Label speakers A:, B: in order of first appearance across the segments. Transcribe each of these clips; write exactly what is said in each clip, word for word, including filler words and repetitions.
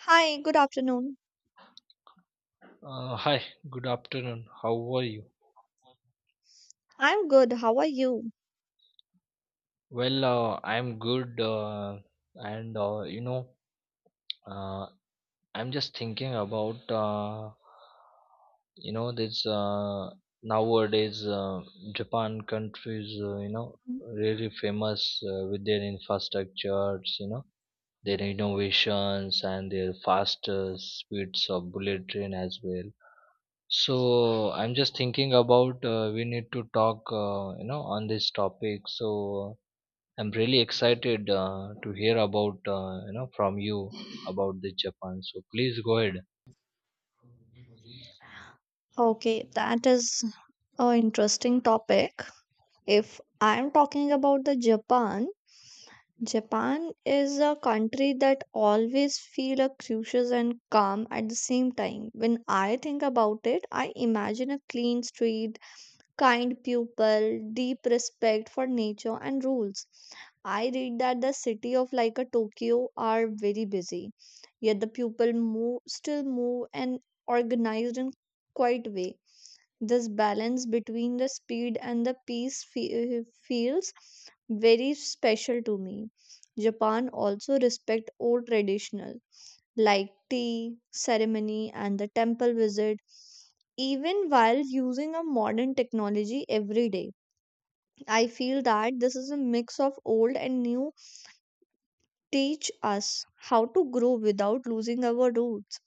A: Hi, good afternoon.
B: Uh, hi, good afternoon. How are you?
A: I'm good. How are you?
B: Well, uh, I'm good, uh, and uh, you know, uh, I'm just thinking about uh, you know this uh, nowadays uh, Japan countries, uh, you know, really famous uh, with their infrastructures, you know, their innovations and their faster speeds of bullet train as well. So I'm just thinking about uh, we need to talk, uh, you know, on this topic. So I'm really excited uh, to hear about, uh, you know, from you about the Japan. So please go ahead.
A: Okay, that is an interesting topic. If I'm talking about the Japan, Japan is a country that always feel a cautious and calm at the same time. When I think about it, I imagine a clean street, kind people, deep respect for nature and rules. I read that the city of like a Tokyo are very busy, yet the people move still move and organized in quite way. This balance between the speed and the peace fe- feels very special to me. Japan also respect old traditional like tea, ceremony, and the temple visit, even while using a modern technology every day. I feel that this is a mix of old and new teach us how to grow without losing our roots.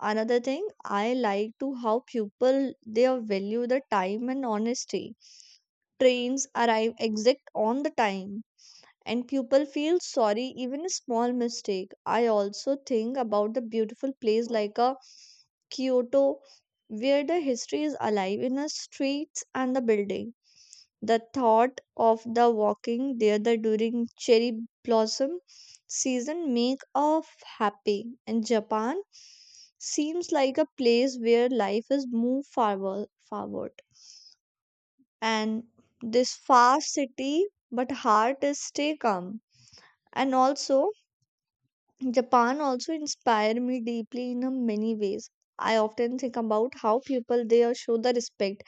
A: Another thing I like to how people they value the time and honesty. Trains arrive exact on the time and people feel sorry even a small mistake. I also think about the beautiful place like a Kyoto, where the history is alive in the streets and the building. The thought of the walking there the during cherry blossom season make us happy. And Japan seems like a place where life is moved forward, forward. And this fast city, but heart is stay calm. And also Japan also inspired me deeply in a many ways. I often think about how people there show the respect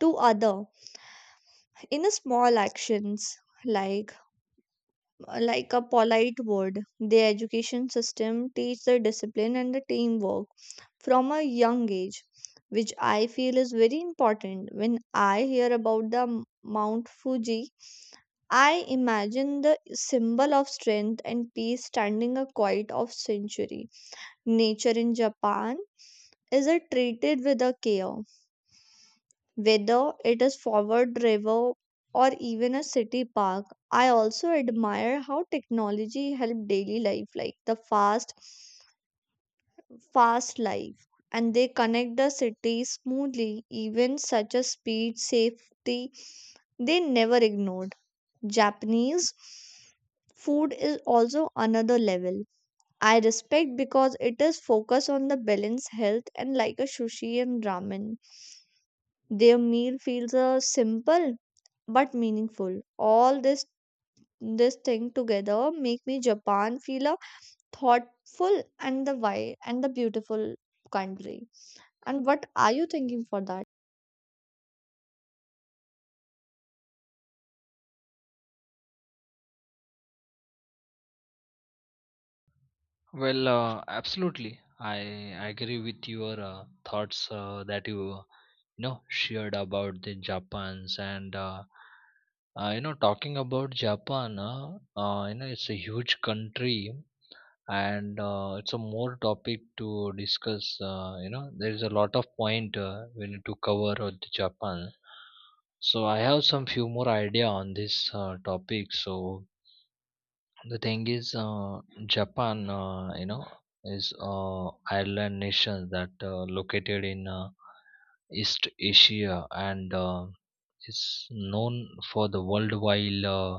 A: to other in a small actions like like a polite word. Their education system teach the discipline and the teamwork from a young age, which I feel is very important. When I hear about the m- Mount Fuji, I imagine the symbol of strength and peace standing a quiet of century. Nature in Japan is a treated with a care. Whether it is forward river or even a city park, I also admire how technology help daily life like the fast fast life and they connect the city smoothly even such a speed safety they never ignored. Japanese food is also another level. I respect because it is focused on the balance health and like a sushi and ramen. Their meal feels uh, simple but meaningful. All this this thing together make me Japan feel a thoughtful and the wide and the beautiful country. And what are you thinking for that?
B: Well, uh, absolutely. I agree with your uh, thoughts uh, that you you know shared about the Japan's and uh, uh, you know talking about Japan. Uh, uh, you know it's a huge country, and uh, it's a more topic to discuss uh, you know there is a lot of point uh, we need to cover on the Japan. So I have some few more idea on this uh, topic. So the thing is, uh, Japan, uh, you know is uh, island nation that uh, located in uh, East Asia, and uh, is known for the worldwide uh,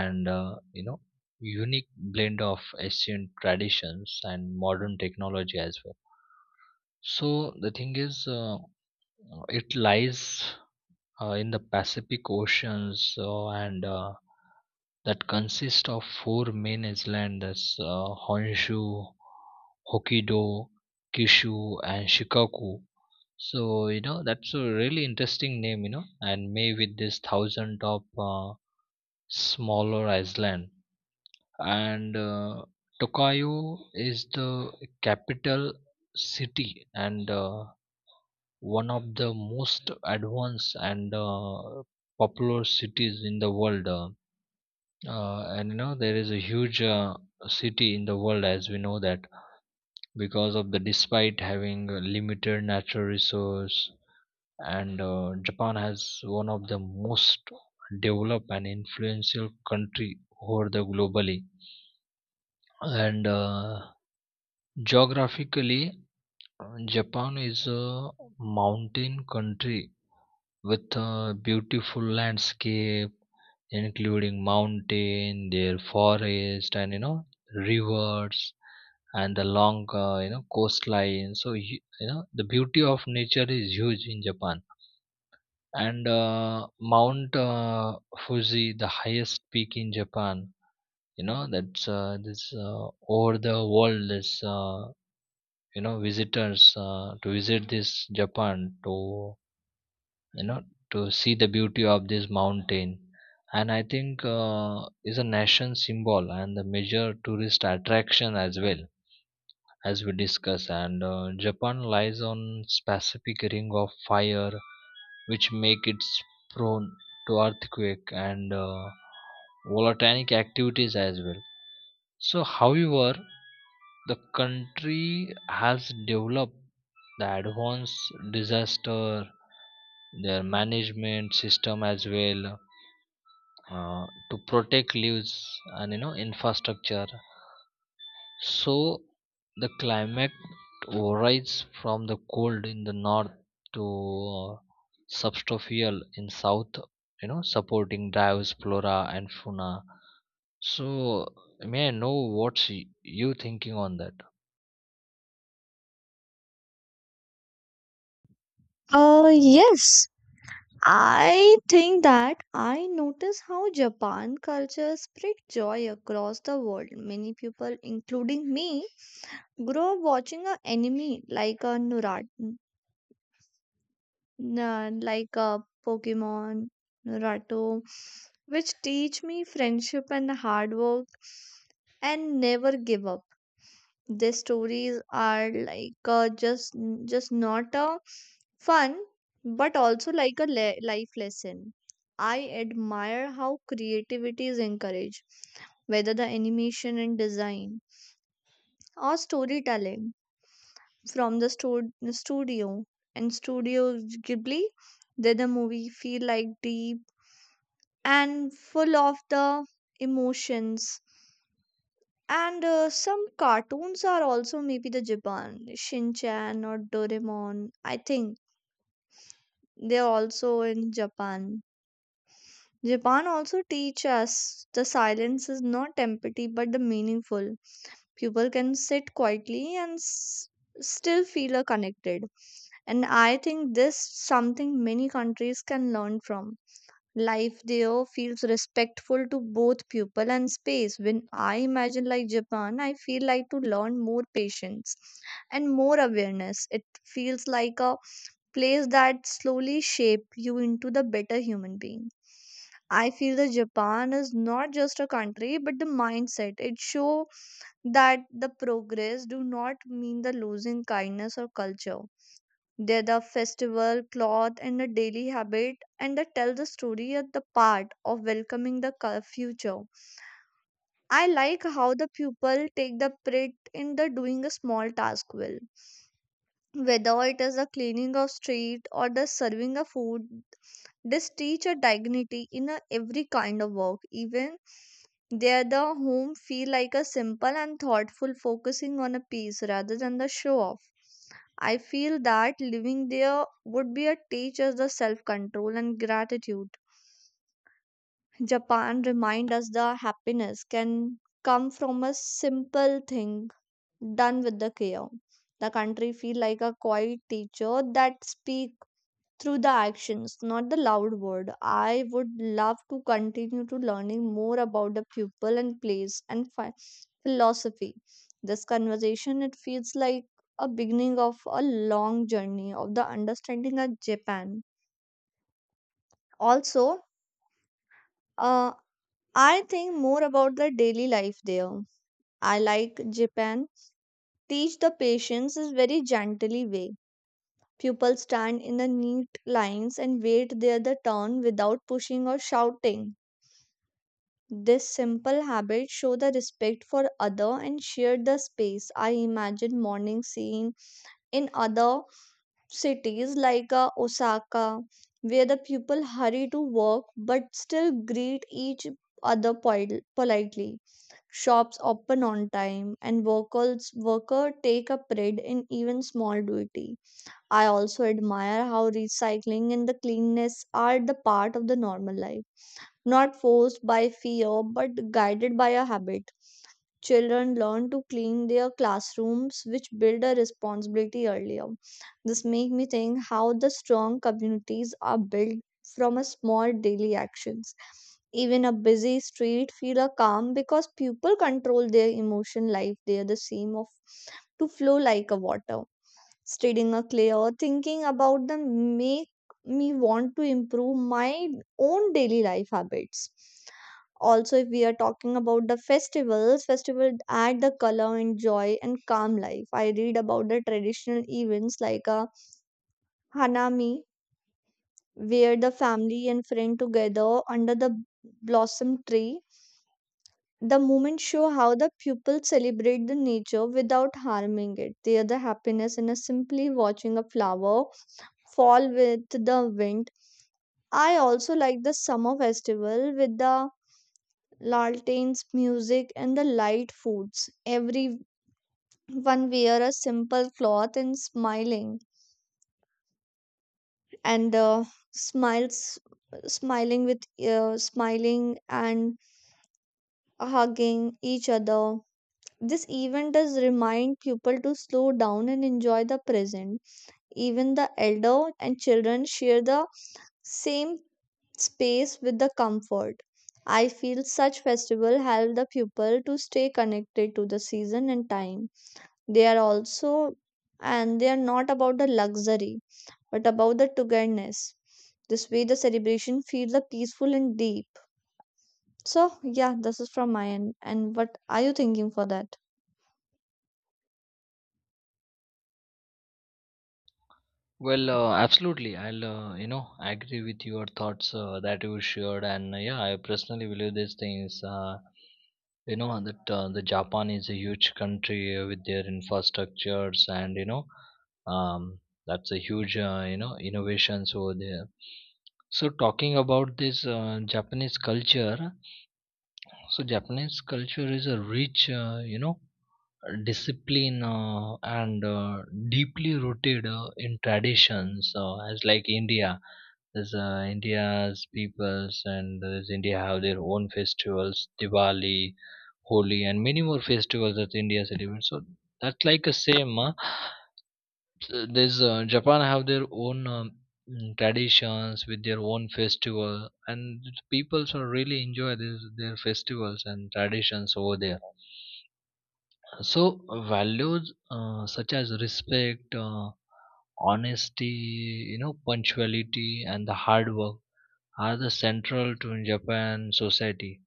B: and uh, you know unique blend of ancient traditions and modern technology as well. So the thing is, uh, it lies uh, in the Pacific Oceans, uh, and uh, that consists of four main islands: that's, uh, Honshu, Hokkaido, Kyushu, and Shikoku. So, you know, that's a really interesting name, you know, and May with this thousand of uh, smaller island. And uh, Tokayo is the capital city, and uh, one of the most advanced and uh, popular cities in the world. Uh, uh, and you know, there is a huge uh, city in the world, as we know that, because of the despite having a limited natural resource. And uh, Japan has one of the most developed and influential country over the globally. And uh, geographically, uh, Japan is a mountain country with a beautiful landscape including mountain their forest and you know rivers and the long, uh, you know coastline. So you, you know the beauty of nature is huge in Japan. And uh, Mount uh, Fuji, the highest peak in Japan. You know that's uh, this uh, over the world is uh, you know visitors uh, to visit this Japan to you know to see the beauty of this mountain, and I think uh, is a nation symbol and the major tourist attraction as well, as we discuss. And uh, Japan lies on Pacific Ring of Fire, which make it prone to earthquake and uh, volcanic activities as well. So, however, the country has developed the advanced disaster their management system as well, uh, to protect lives and you know infrastructure. So the climate varies from the cold in the north to uh, subtropical in south, you know, supporting diverse flora and fauna. So may I know what's y- you thinking on that?
A: Uh yes. I think that I notice how Japan culture spread joy across the world. Many people, including me, grow up watching a anime like a Naruto, like a Pokemon, Naruto, which teach me friendship and hard work and never give up. Their stories are like uh, just just not a fun, but also like a le- life lesson. I admire how creativity is encouraged, whether the animation and design or storytelling. From the stu- the studio and studio ghibli that the movie feel like deep and full of the emotions, and uh, some cartoons are also maybe the japan shinchan or doraemon. I think they are also in japan. Japan also teach us the silence is not empty but the meaningful. People can sit quietly and s- still feel uh, connected. And I think this something many countries can learn from. Life there feels respectful to both people and space. When I imagine like Japan, I feel like to learn more patience and more awareness. It feels like a place that slowly shape you into the better human being. I feel that Japan is not just a country but the mindset. It show that the progress do not mean the losing kindness or culture. They're the festival, cloth, and the daily habit, and they tell the story at the part of welcoming the cul- future. I like how the pupil take the pride in the doing a small task well. Whether it is the cleaning of street or the serving of food, this teach a dignity in a every kind of work. Even there the home feel like a simple and thoughtful focusing on a piece rather than the show off. I feel that living there would be a teach us the self control and gratitude. Japan remind us the happiness can come from a simple thing done with the care. The country feel like a quiet teacher that speak through the actions, not the loud word. I would love to continue to learning more about the pupil and place and phi- philosophy. This conversation it feels like a beginning of a long journey of the understanding of Japan. Also, uh, I think more about the daily life there. I like Japan. Teach the patients is very gently way. Pupils stand in the neat lines and wait their the turn without pushing or shouting. This simple habit show the respect for other and share the space. I imagine morning scene in other cities like uh, Osaka, where the people hurry to work but still greet each other poli- politely. Shops open on time and workers worker take a pride in even small duty. I also admire how recycling and the cleanness are the part of the normal life, not forced by fear but guided by a habit. Children learn to clean their classrooms, which build a responsibility earlier. This makes me think how the strong communities are built from a small daily actions. Even a busy street feel a calm because people control their emotion life. They are the same of to flow like a water. Studying a clear thinking about them make me want to improve my own daily life habits. Also, if we are talking about the festivals, festivals add the color and joy and calm life. I read about the traditional events like a Hanami, where the family and friend together under the blossom tree. The moments show how the pupils celebrate the nature without harming it. They are the happiness in a simply watching a flower fall with the wind. I also like the summer festival with the lanterns, music, and the light foods. Everyone wear a simple cloth and smiling, and uh, smiles, smiling with uh, smiling and hugging each other. This event does remind people to slow down and enjoy the present. Even the elder and children share the same space with the comfort. I feel such festival help the people to stay connected to the season and time. They are also and they are not about the luxury but about the togetherness. This way the celebration feels the peaceful and deep. So yeah, this is from my end. And what are you thinking for that?
B: Well, uh, absolutely. I'll uh, you know agree with your thoughts uh, that you shared, and uh, yeah, I personally believe these things. Uh, you know that uh, the Japan is a huge country uh, with their infrastructures. And you know um, that's a huge uh, you know innovations over there. So talking about this uh, Japanese culture. So Japanese culture is a rich uh, you know discipline, uh, and uh, deeply rooted uh, in traditions, uh, as like India. There's uh, India's peoples, and there's India have their own festivals: Diwali, Holi, and many more festivals that India celebrates. So that's like a same. Uh, there's uh, Japan have their own um, mm, traditions with their own festival, and people so really enjoy this, their festivals and traditions over there. So values, uh, such as respect, uh, honesty, you know, punctuality, and the hard work are the central to Japan society.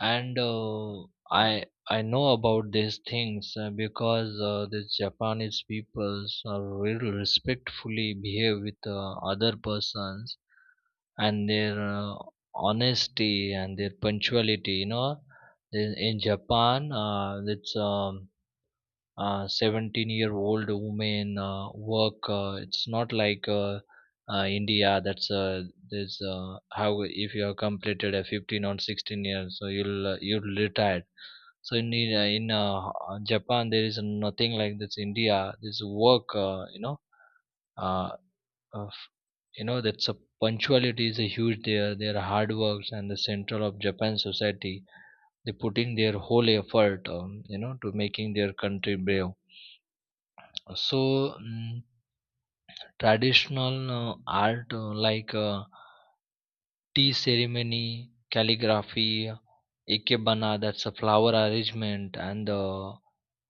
B: And uh, i i know about these things uh, because uh, the Japanese peoples are really respectfully behave with uh, other persons. And their uh, honesty and their punctuality, you know in, in Japan, uh, it's um, uh, seventeen year old year old women uh, work, uh, it's not like uh, uh, India, that's, uh, there's, uh, how if you have completed a fifteen or sixteen years, so you'll uh, you'll retired. So in in, uh, in uh, Japan there is nothing like this India, this work, uh, you know uh, of, you know that's a punctuality is a huge there, their hard works and the central of Japan society. They put in their whole effort, um, you know to making their country brave. So, mm, traditional uh, art, uh, like uh, tea ceremony, calligraphy, ikebana, that's a flower arrangement, and the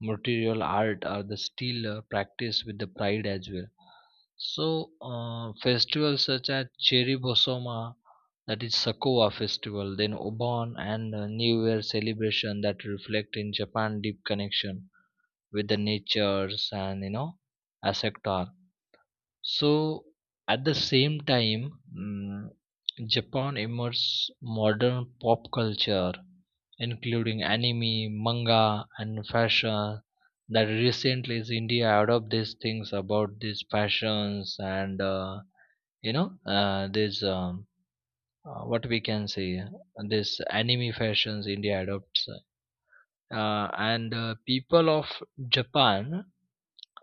B: material art are the still uh, practiced with the pride as well. So, uh, festivals such as Cherry Bosoma, that is Sakoa festival, then Obon and uh, New Year celebration that reflect in Japan deep connection with the natures, and you know, asector. So at the same time, mm, Japan immerses modern pop culture, including anime, manga, and fashion. That recently is India adopt these things about these fashions. And uh, you know uh, this, um, uh, what we can say this anime fashions India adopts, uh, and uh, people of Japan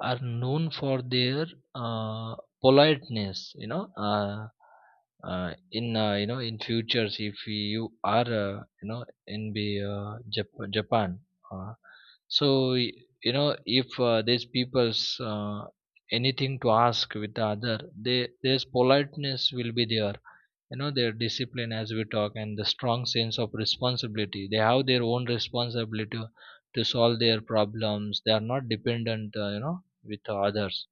B: are known for their uh, politeness. You know uh, uh, in uh, you know in futures, if you are uh, you know in the uh, Jap- japan, uh, so y- you know if uh, these people's uh, anything to ask with the other, they there's politeness will be there, you know their discipline, as we talk, and the strong sense of responsibility. They have their own responsibility to solve their problems. They are not dependent, uh, you know with others.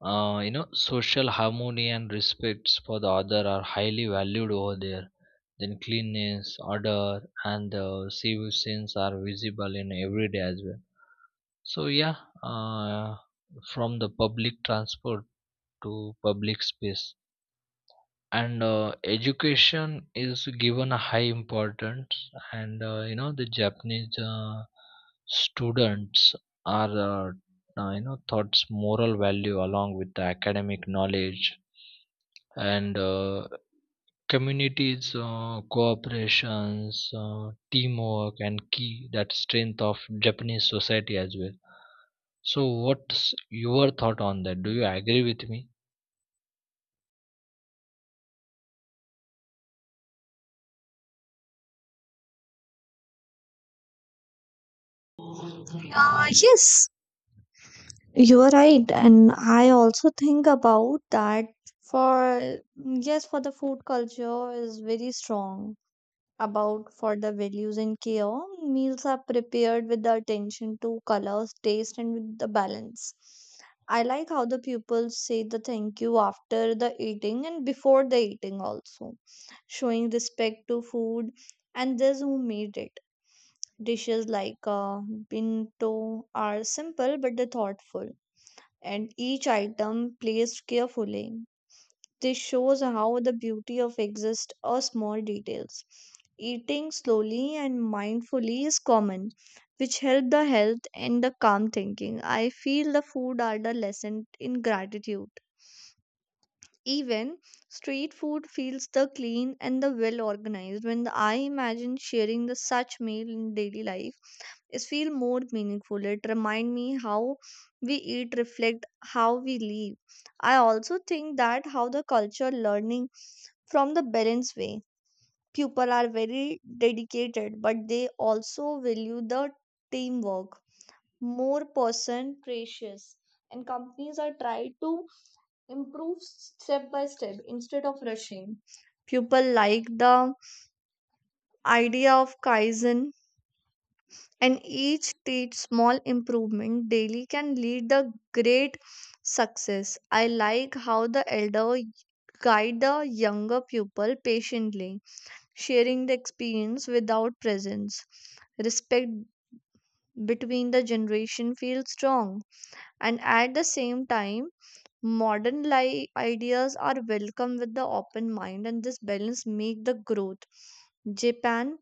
B: Uh, you know, social harmony and respects for the other are highly valued over there. Then cleanliness, order, and the civil sense are visible in everyday as well. So yeah, uh, from the public transport to public space. And uh, education is given a high importance. And uh, you know the Japanese uh, students are uh, uh, you know thoughts moral value along with the academic knowledge. And uh, communities uh, cooperations, uh, teamwork and key, that strength of Japanese society as well. So what's your thought on that? Do you agree with me?
A: Uh, yes, you are right, and I also think about that. For yes, for the food culture is very strong about for the values in care. Meals are prepared with the attention to colors, taste, and with the balance. I like how the pupils say the thank you after the eating and before the eating, also showing respect to food and those who made it. Dishes like uh, bento are simple but they're thoughtful, and each item placed carefully. This shows how the beauty of exists or small details. Eating slowly and mindfully is common, which help the health and the calm thinking. I feel the food are the lesson in gratitude. Even street food feels the clean and the well organized. When I imagine sharing the such meal in daily life, is feel more meaningful. It remind me how we eat reflect how we live. I also think that how the culture learning from the balanced way. People are very dedicated, but they also value the teamwork. More person precious, and companies are try to improve step by step instead of rushing. People like the idea of kaizen, and each stage small improvement daily can lead the great success. I like how the elder guide the younger pupil patiently, sharing the experience without presence. Respect between the generation feels strong, and at the same time modern li- ideas are welcome with the open mind, and this balance make the growth. Japan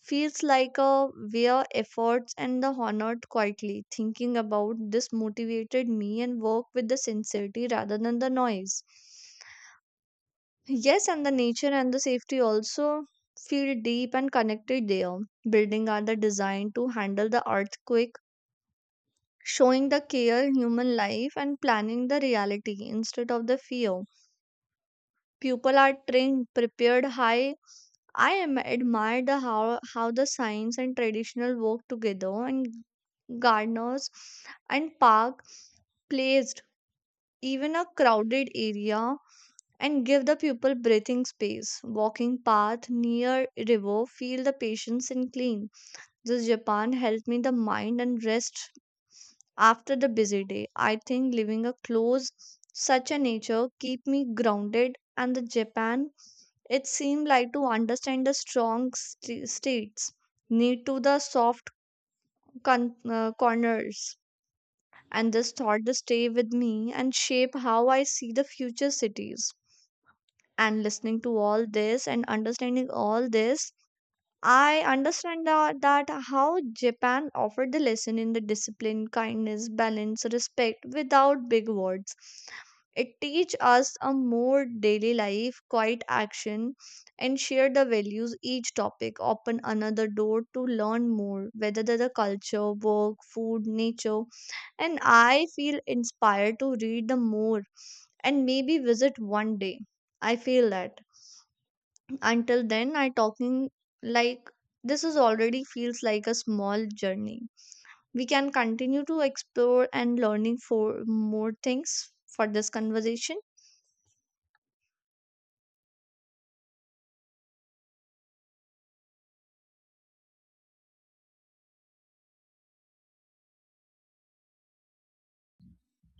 A: feels like a where efforts and the honored quietly. Thinking about this motivated me and work with the sincerity rather than the noise. Yes, and the nature and the safety also feel deep and connected there. Building are the designed to handle the earthquake, showing the care human life and planning the reality instead of the fear. People are trained, prepared. High. I am admire the how how the science and traditional work together, and gardeners and park placed even a crowded area and give the people breathing space. Walking path near river feel the patience and clean. This japan helped me the mind and rest after the busy day. I think living a close such a nature keep me grounded, and the japan, it seemed like to understand the strong st- states need to the soft con- uh, corners. And this thought to stay with me and shape how I see the future cities. And listening to all this and understanding all this, I understand that, that how Japan offered the lesson in the discipline, kindness, balance, respect without big words. It teach us a more daily life, quiet action, and share the values. Each topic open another door to learn more, whether the the culture, work, food, nature, and I feel inspired to read the more and maybe visit one day. I feel that. Until then, I talking like this is already feels like a small journey. We can continue to explore and learning for more things for this conversation.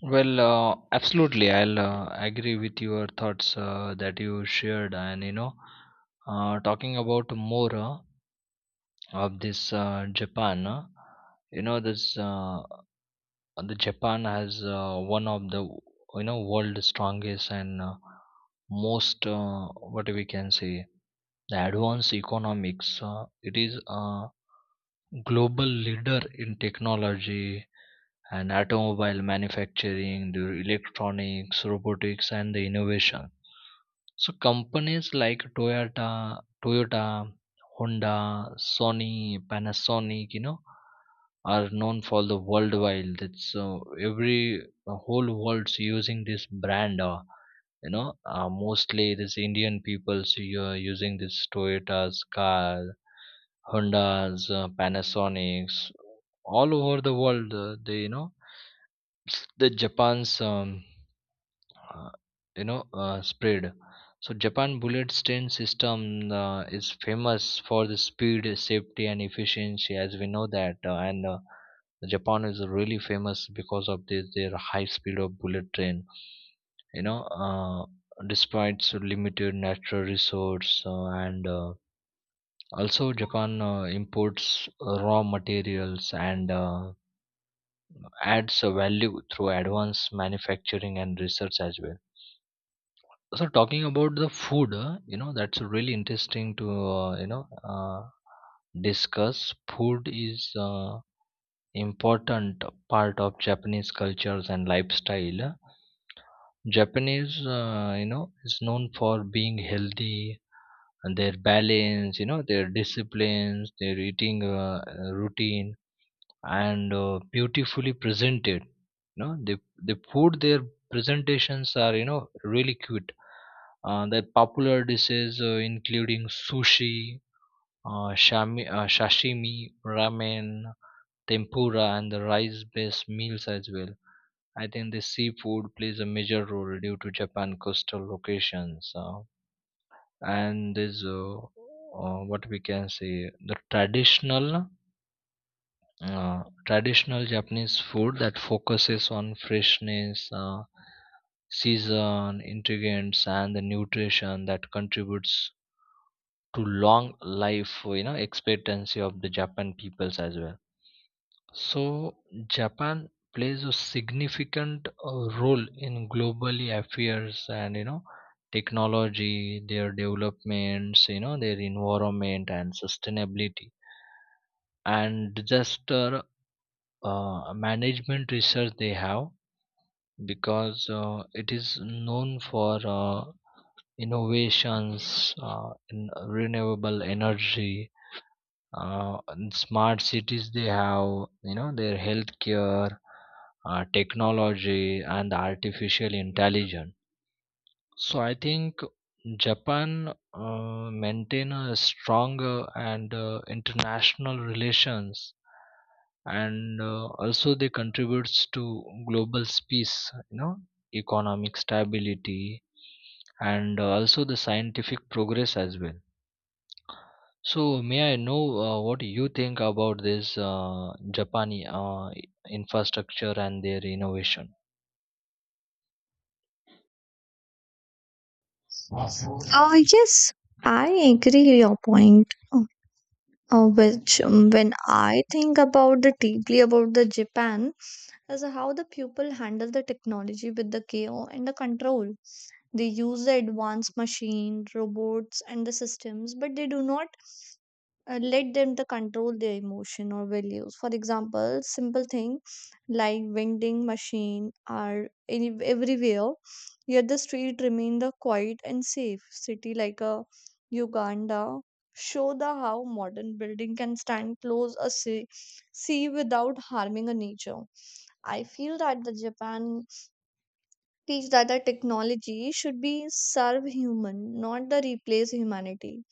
B: Well, uh, absolutely. I'll uh, agree with your thoughts uh, that you shared, and you know, uh, talking about more uh, of this uh, Japan. Uh, you know, this uh, the Japan has uh, one of the you know world's strongest and uh, most, uh, what we can say, the advanced economics. Uh, it is a global leader in technology, and automobile manufacturing, the electronics, robotics, and the innovation. So companies like Toyota, Toyota, Honda, Sony, Panasonic, you know, are known for the worldwide. That's uh, every the whole world's using this brand. Uh, you know, uh, mostly this Indian people's you are using this Toyota's car, Honda's, uh, Panasonic's, all over the world. Uh, they you know the Japan's um, uh, you know uh, spread. So Japan bullet train system uh, is famous for the speed, safety, and efficiency, as we know that. Uh, and uh, Japan is really famous because of this their high speed of bullet train. You know, uh, Despite so limited natural resource, uh, and uh, also Japan uh, imports uh, raw materials and uh, adds a value through advanced manufacturing and research as well. So talking about the food, uh, you know that's really interesting to uh, you know uh, discuss. Food is uh, important part of Japanese cultures and lifestyle. Japanese uh, you know is known for being healthy and their balance, you know their disciplines, their eating uh, uh, routine, and uh, beautifully presented. You know the the food, their presentations are, you know really cute. Uh, the popular dishes uh, including sushi, uh, shami, uh, sashimi, ramen, tempura, and the rice-based meals as well. I think the seafood plays a major role due to Japan coastal locations. Uh, and there's uh, uh, what we can say the traditional uh, traditional Japanese food that focuses on freshness, uh, season, ingredients, and the nutrition that contributes to long life you know expectancy of the Japan peoples as well. So Japan plays a significant uh, role in globally affairs, and you know technology their developments, you know their environment and sustainability, and disaster uh, uh, management research they have. Because uh, it is known for uh, innovations uh, in renewable energy, uh, in smart cities they have, you know their healthcare uh, technology and artificial intelligence. So I think Japan uh, maintain a stronger and uh, international relations. And uh, also they contributes to global peace, you know economic stability, and uh, also the scientific progress as well. So, may I know uh, what you think about this uh, Japani uh, infrastructure and their innovation?
A: Uh, yes, I agree your point. Uh, uh, which um, When I think about the deeply about the Japan is how the people handle the technology with the care and the control. They use the advanced machine, robots, and the systems, but they do not uh, let them to control their emotion or values, for example simple thing like vending machine are any, everywhere, yet the street remain the quiet and safe city like a uganda show the how modern building can stand close a sea, sea without harming a nature. I feel that the japan teach that the technology should be serve human, not the replace humanity.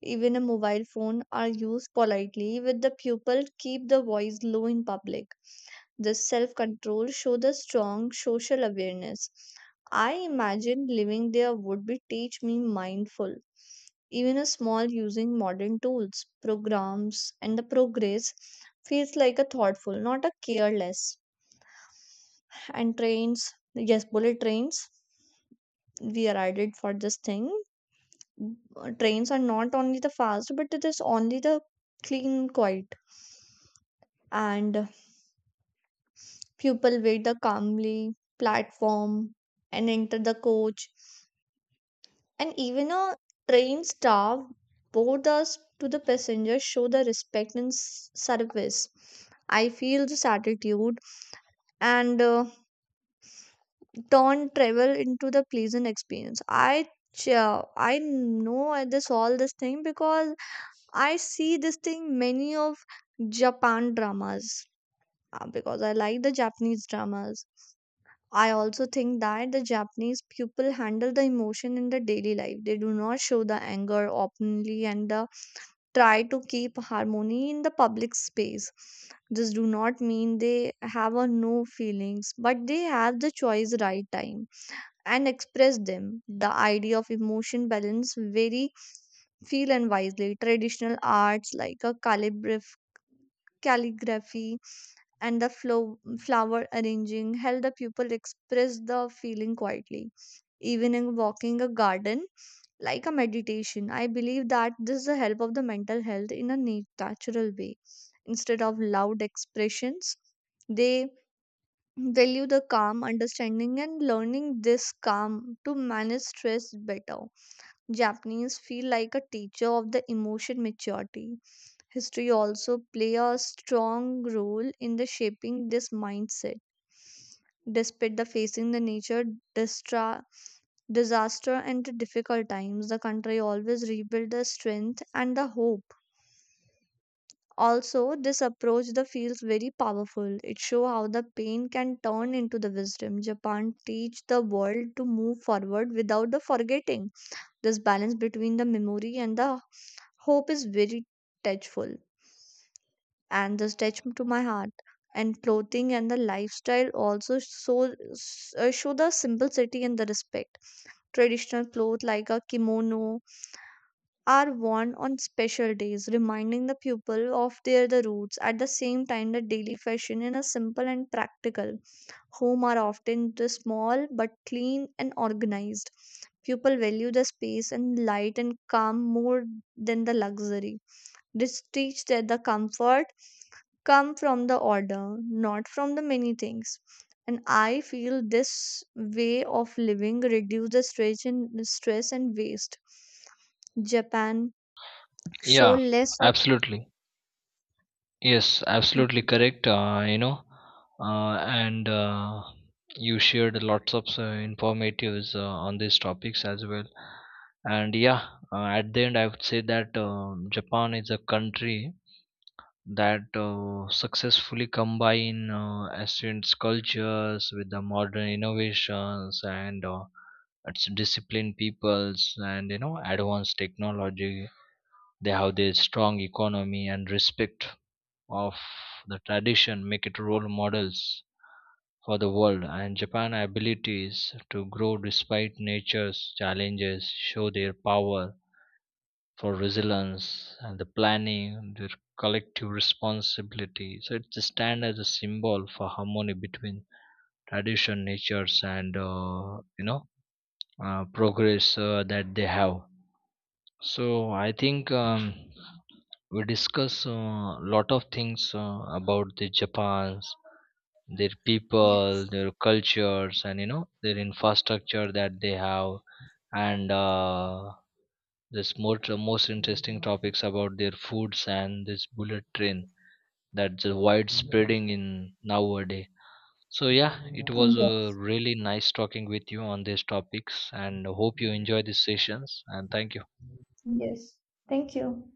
A: Even a mobile phone are used politely with the pupil keep the voice low in public. This self control show the strong social awareness. I imagine living there would be teach me mindful. Even a small using modern tools, programs, and the progress feels like a thoughtful, not a careless. And trains, yes, bullet trains we arrived for this thing. Uh, trains are not only the fast but it is only the clean quiet, and people wait the calmly platform and enter the coach. And even a train staff board us to the passengers show the respect and s- service. I feel this attitude and uh, turn travel into the pleasant experience. i ch- I know this all this thing because I see this thing many of Japan dramas, uh, because I like the Japanese dramas. I also think that the Japanese people handle the emotion in their daily life. They do not show the anger openly, and uh, try to keep harmony in the public space. This do not mean they have a no feelings, but they have the choice right time and express them. The idea of emotion balance very feel and wisely. Traditional arts like a calligraph calligraphy and the flow, flower arranging help the pupil express the feeling quietly. Even in walking a garden like a meditation, I believe that this is the help of the mental health in a nat- natural way. Instead of loud expressions, they value the calm understanding and learning this calm to manage stress better. Japanese feel like a teacher of the emotion maturity. History also play a strong role in the shaping this mindset despite the facing the nature distra- disaster and the difficult times. The country always rebuild the strength and the hope. Also, this approach the feels very powerful. It shows how the pain can turn into the wisdom. Japan teach the world to move forward without the forgetting. This balance between the memory and the hope is very touchful, and this touch to my heart. And clothing and the lifestyle also so, uh, show the simplicity and the respect. Traditional clothes like a kimono are worn on special days, reminding the people of their the roots. At the same time, the daily fashion in a simple and practical home are often the small but clean and organized. People value the space and light and calm more than the luxury. This teach that the comfort come from the order, not from the many things. And I feel this way of living reduces stress and stress and waste. Japan show
B: Yeah,
A: less of.
B: absolutely. Yes, absolutely correct. Uh, you know, uh, and uh, you shared lots of uh, informatives uh, on these topics as well. And yeah, uh, at the end, I would say that um Japan is a country that uh, successfully combine uh, ancient cultures with the modern innovations. And uh, its disciplined peoples and you know advanced technology, they have their strong economy and respect of the tradition, make it role models for the world. And Japan abilities to grow despite nature's challenges show their power for resilience and the planning, their collective responsibility. So it stands as a symbol for harmony between tradition, natures, and uh, you know uh, progress, uh, that they have. So I think, um, we discuss a lot of things uh, about the Japan's, their people, their cultures, and you know their infrastructure that they have, and uh, this more uh, most interesting topics about their foods and this bullet train that's uh, widespreading in nowadays. So yeah, it was uh,
A: Yes,
B: really nice talking with you on these topics and hope you enjoy these sessions and thank you.
A: yes. Thank you.